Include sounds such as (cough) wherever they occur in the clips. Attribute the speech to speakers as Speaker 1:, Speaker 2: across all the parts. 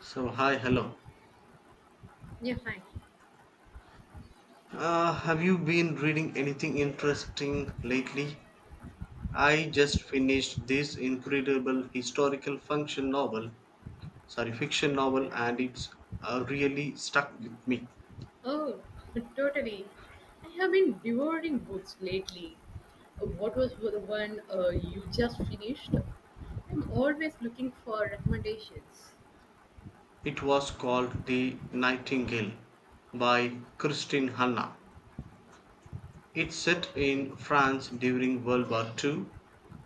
Speaker 1: So, hi, hello.
Speaker 2: Yeah, fine.
Speaker 1: Have you been reading anything interesting lately? I just finished this incredible historical function novel, sorry, fiction novel, and it's really stuck with me.
Speaker 2: Oh, (laughs) totally. I have been devouring books lately. What was the one you just finished? I'm always looking for recommendations.
Speaker 1: It was called The Nightingale by Christine Hanna. It's set in France during World War Two,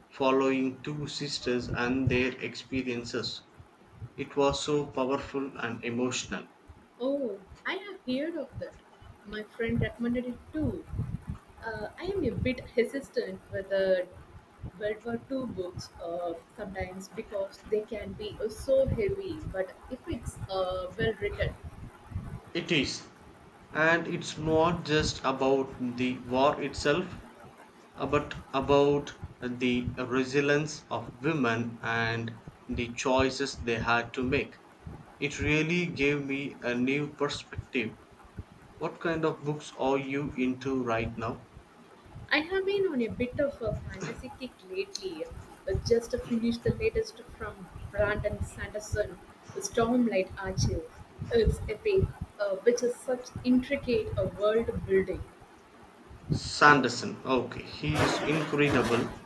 Speaker 1: following two sisters and their experiences. It was so powerful and emotional.
Speaker 2: Oh, I have heard of that. My friend recommended it too. I am a bit hesitant with the World War II books sometimes because they can be so heavy, but if it's well written,
Speaker 1: It is. And it's not just about the war itself, but about the resilience of women and the choices they had to make. It really gave me a new perspective. What kind of books are you into right now?
Speaker 2: I have been on a bit of a fantasy kick lately. I just finished the latest from Brandon Sanderson, Stormlight Archive. It's epic, which is such intricate a world building.
Speaker 1: Sanderson. Okay, he is incredible.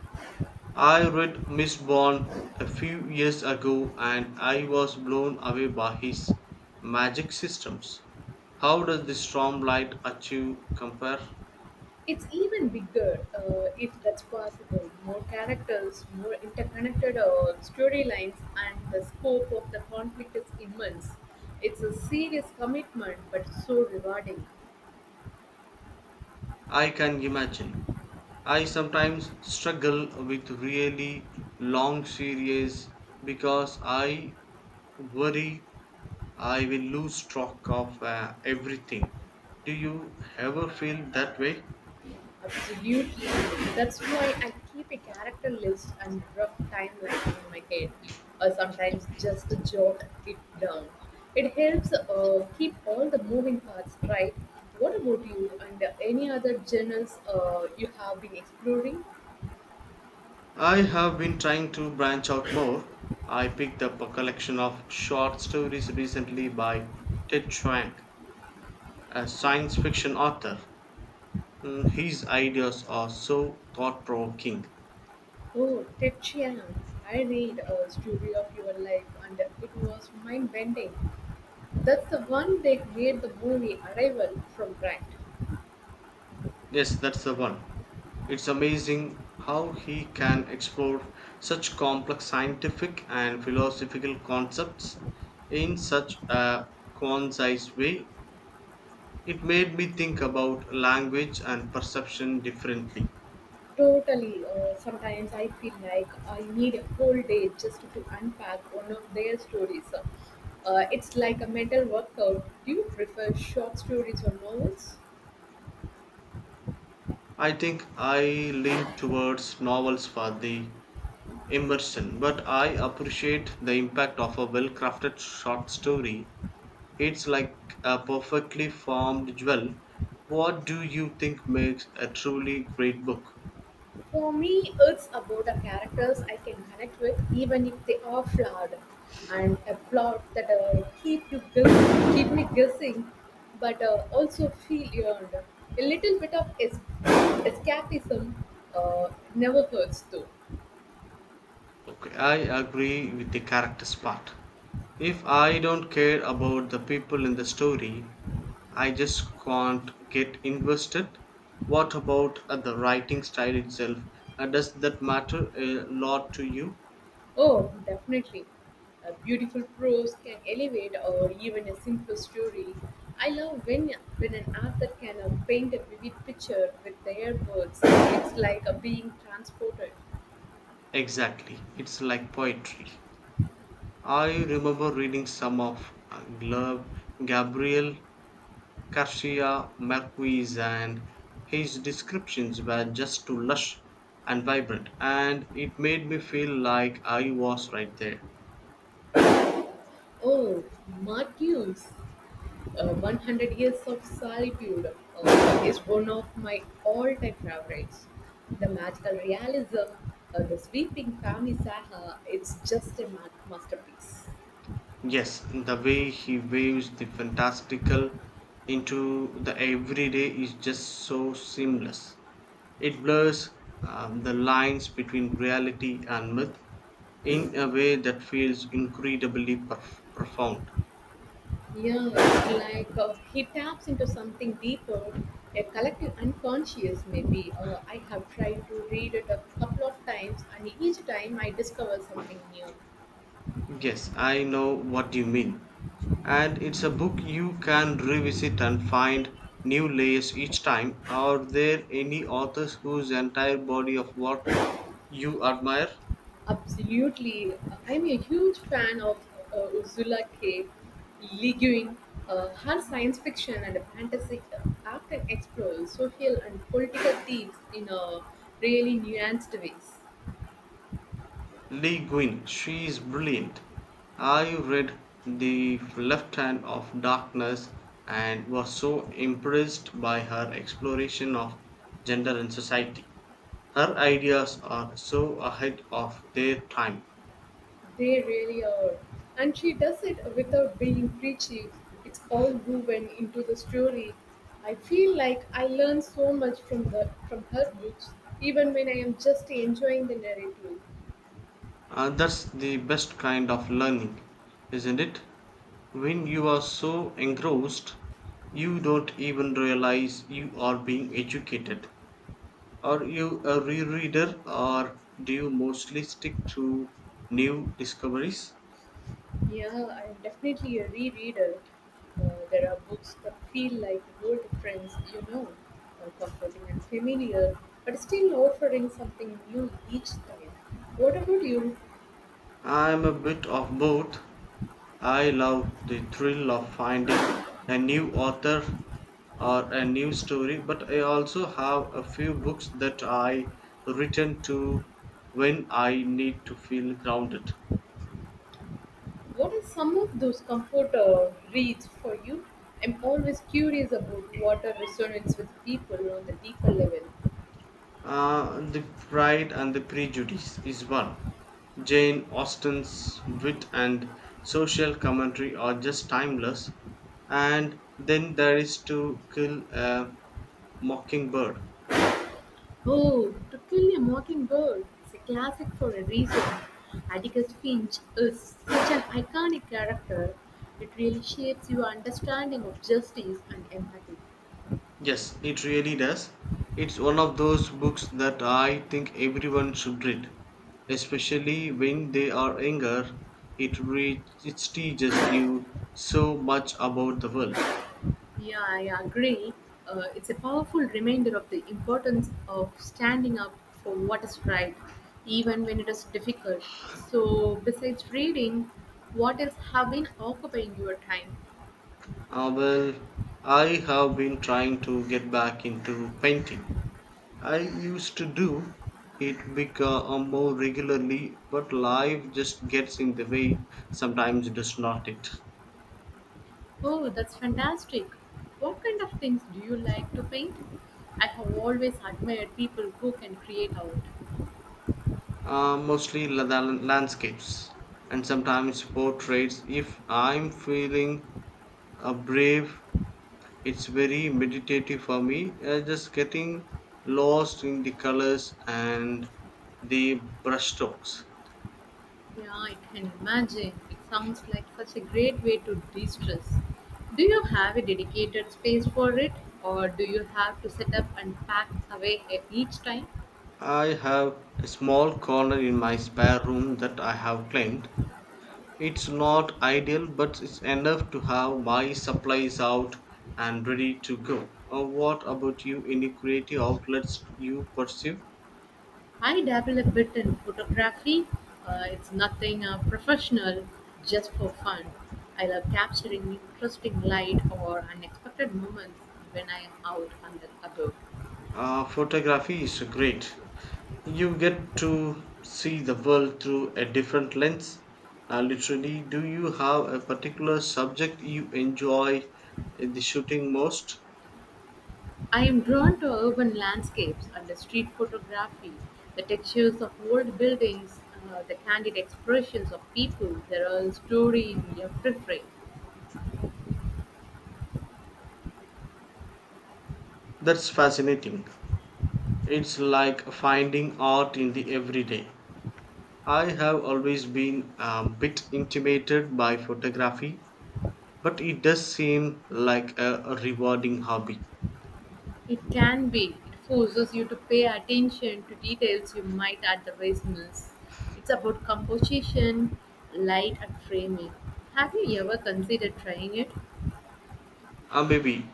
Speaker 1: I read Miss Bond a few years ago and I was blown away by his magic systems. How does the storm light achieve compare?
Speaker 2: It's even bigger, if that's possible. More characters, more interconnected storylines, and the scope of the conflict is immense. It's a serious commitment, but so rewarding.
Speaker 1: I can imagine. I sometimes struggle with really long series because I worry I will lose track of everything. Do you ever feel that way?
Speaker 2: Absolutely. That's why I keep a character list and rough timeline in my head, or sometimes just jot it down. It helps keep all the moving parts right. What about you and any other journals you have been exploring?
Speaker 1: I have been trying to branch out more. I picked up a collection of short stories recently by Ted Chiang, a science fiction author. His ideas are so thought provoking.
Speaker 2: Oh, Ted Chiang. I read a story of your life and it was mind bending. That's the one that made the movie Arrival from Grant.
Speaker 1: Yes, that's the one. It's amazing how he can explore such complex scientific and philosophical concepts in such a concise way. It made me think about language and perception differently.
Speaker 2: Totally. Sometimes I feel like I need a whole day just to unpack one of their stories. It's like a mental workout. Do you prefer short stories or novels?
Speaker 1: I think I lean towards novels for the immersion, but I appreciate the impact of a well crafted short story. It's like a perfectly formed jewel. What do you think makes a truly great book?
Speaker 2: For me, it's about the characters I can connect with, even if they are flawed, and a plot that keep me guessing, but also feel earned. A little bit of escapism uh, never hurts, though.
Speaker 1: Okay, I agree with the characters part. If I don't care about the people in the story, I just can't get invested. What about the writing style itself? Does that matter a lot to you?
Speaker 2: Oh, definitely. A beautiful prose can elevate or even a simple story. I love when an author can paint a vivid picture with their words. It's like a being transported.
Speaker 1: Exactly, it's like poetry. I remember reading some of Gabriel, Garcia Marquez and his descriptions were just too lush and vibrant, and it made me feel like I was right there.
Speaker 2: Oh, Marcus, 100 Years of Solitude is one of my all-time favorites. The magical realism, the sweeping family saga, it's just a masterpiece.
Speaker 1: Yes, the way he waves the fantastical into the everyday is just so seamless. It blurs the lines between reality and myth in a way that feels incredibly profound.
Speaker 2: Yeah, it's like he taps into something deeper, a collective unconscious maybe. I have tried to read it a couple of times, and each time I discover something new.
Speaker 1: Yes, I know what you mean. And it's a book you can revisit and find new layers each time. Are there any authors whose entire body of work you admire?
Speaker 2: Absolutely, I'm a huge fan of Ursula K. Le Guin. Her science fiction and fantasy often explores social and political themes in a really nuanced ways.
Speaker 1: Lee Guin, she is brilliant. I read The Left Hand of Darkness and was so impressed by her exploration of gender and society. Her ideas are so ahead of their time.
Speaker 2: They really are. And she does it without being preachy. It's all woven into the story. I feel like I learn so much from the from her books, even when I am just enjoying the narrative.
Speaker 1: That's the best kind of learning, isn't it? When you are so engrossed, you don't even realize you are being educated. Are you a rereader or do you mostly stick to new discoveries?
Speaker 2: Yeah, I am definitely a rereader. There are books that feel like old friends, comforting and familiar, but still offering something new each time. What about you?
Speaker 1: I'm a bit of both. I love the thrill of finding a new author or a new story, but I also have a few books that I return to when I need to feel grounded.
Speaker 2: What are some of those comfort reads for you? I'm always curious about what resonates with people on the deeper level.
Speaker 1: The Pride and the Prejudice is one. Jane Austen's wit and social commentary are just timeless. And then there is To Kill a Mockingbird.
Speaker 2: Oh, To Kill a Mockingbird is a classic for a reason. Atticus Finch is such an iconic character. It really shapes your understanding of justice and empathy.
Speaker 1: Yes, it really does. It's one of those books that I think everyone should read, especially when they are younger. It teaches you so much about the world.
Speaker 2: Yeah, I agree. It's a powerful reminder of the importance of standing up for what is right, even when it is difficult. So, besides reading, what else have been occupying your time?
Speaker 1: Ah, well, I have been trying to get back into painting. I used to do it become more regularly, but life just gets in the way. Sometimes it does not it?
Speaker 2: Oh, that's fantastic. What kind of things do you like to paint? I have always admired people who can create out.
Speaker 1: Mostly landscapes and sometimes portraits. If I'm feeling brave, it's very meditative for me. Just getting lost in the colors and the brushstrokes.
Speaker 2: Yeah, I can imagine. It sounds like such a great way to de stress. Do you have a dedicated space for it, or do you have to set up and pack away each time?
Speaker 1: I have a small corner in my spare room that I have claimed. It's not ideal, but it's enough to have my supplies out and ready to go. What about you? Any creative outlets you pursue?
Speaker 2: I dabble a bit in photography. It's nothing professional, just for fun. I love capturing interesting light or unexpected moments when I am out and about.
Speaker 1: Photography is great. You get to see the world through a different lens. Literally, do you have a particular subject you enjoy the shooting most?
Speaker 2: I am drawn to urban landscapes and the street photography, the textures of old buildings, the candid expressions of people. There are a story in every frame.
Speaker 1: That's fascinating. It's like finding art in the everyday. I have always been a bit intimidated by photography, but it does seem like a rewarding hobby.
Speaker 2: It can be. It forces you to pay attention to details you might otherwise miss. It's about composition, light, and framing. Have you ever considered trying it?
Speaker 1: Ah, baby,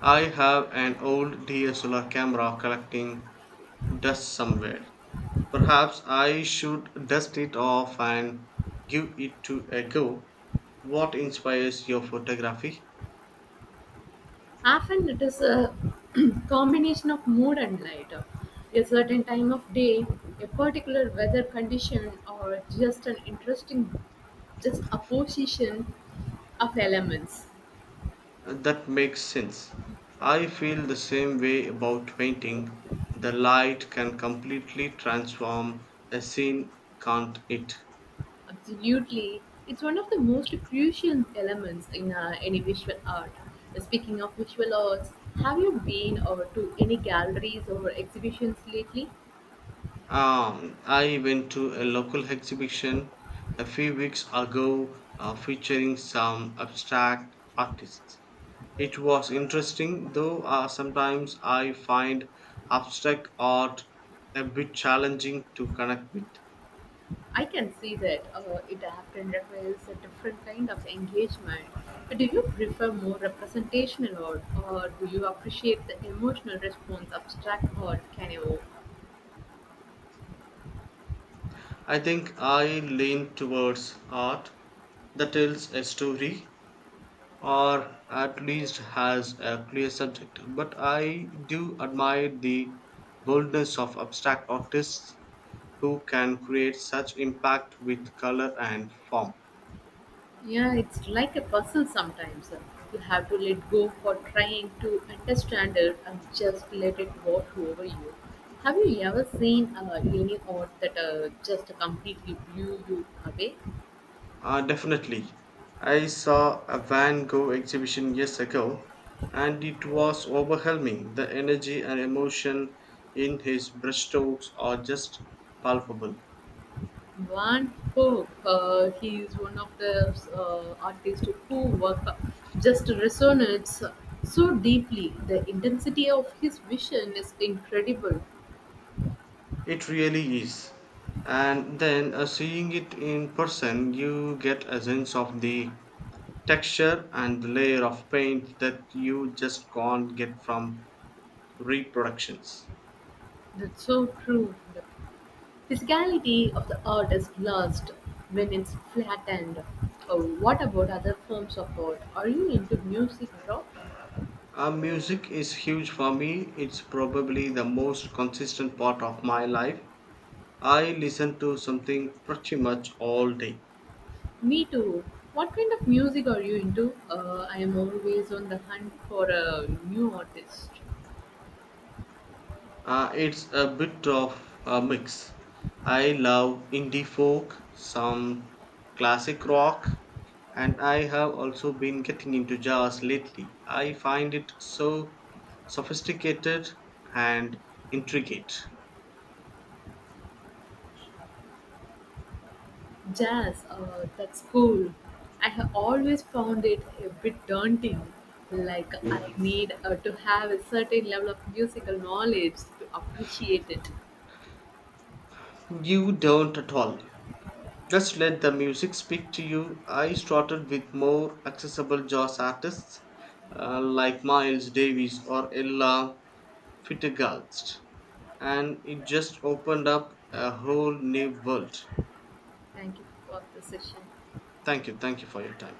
Speaker 1: I have an old DSLR camera collecting dust somewhere. Perhaps I should dust it off and give it to a go. What inspires your photography?
Speaker 2: Often it is a (clears throat) combination of mood and light. A certain time of day, a particular weather condition, or just an interesting just a position of elements.
Speaker 1: That makes sense. I feel the same way about painting. The light can completely transform a scene, can't it?
Speaker 2: Absolutely. It's one of the most crucial elements in any visual art. Speaking of visual arts, have you been or to any galleries or exhibitions lately?
Speaker 1: I went to a local exhibition a few weeks ago featuring some abstract artists. It was interesting, though sometimes I find abstract art a bit challenging to connect with.
Speaker 2: I can see that it often requires a different kind of engagement. But do you prefer more representational art, or do you appreciate the emotional response abstract art can evoke?
Speaker 1: I think I lean towards art that tells a story or at least has a clear subject. But I do admire the boldness of abstract artists who can create such impact with color and form.
Speaker 2: Yeah, it's like a puzzle sometimes. You have to let go for trying to understand it and just let it wash over you. Have you ever seen any art that just completely blew you away?
Speaker 1: Definitely. I saw a Van Gogh exhibition years ago and it was overwhelming. The energy and emotion in his brushstrokes are just palpable.
Speaker 2: Van Gogh, he is one of the artists who work just resonates so deeply. The intensity of his vision is incredible.
Speaker 1: It really is. And then seeing it in person, you get a sense of the texture and the layer of paint that you just can't get from reproductions.
Speaker 2: That's so true. The physicality of the art is lost when it's flattened. What about other forms of art? Are you into music at all?
Speaker 1: Music is huge for me. It's probably the most consistent part of my life. I listen to something pretty much all day.
Speaker 2: Me too. What kind of music are you into? I am always on the hunt for a new artist.
Speaker 1: It's a bit of a mix. I love indie folk, some classic rock, and I have also been getting into jazz lately. I find it so sophisticated and intricate.
Speaker 2: Jazz, that's cool. I have always found it a bit daunting. Like, I need to have a certain level of musical knowledge to appreciate it.
Speaker 1: You don't at all. Just let the music speak to you. I started with more accessible jazz artists like Miles Davis or Ella Fitzgerald, and it just opened up a whole new world.
Speaker 2: Thank you for the session.
Speaker 1: Thank you for your time.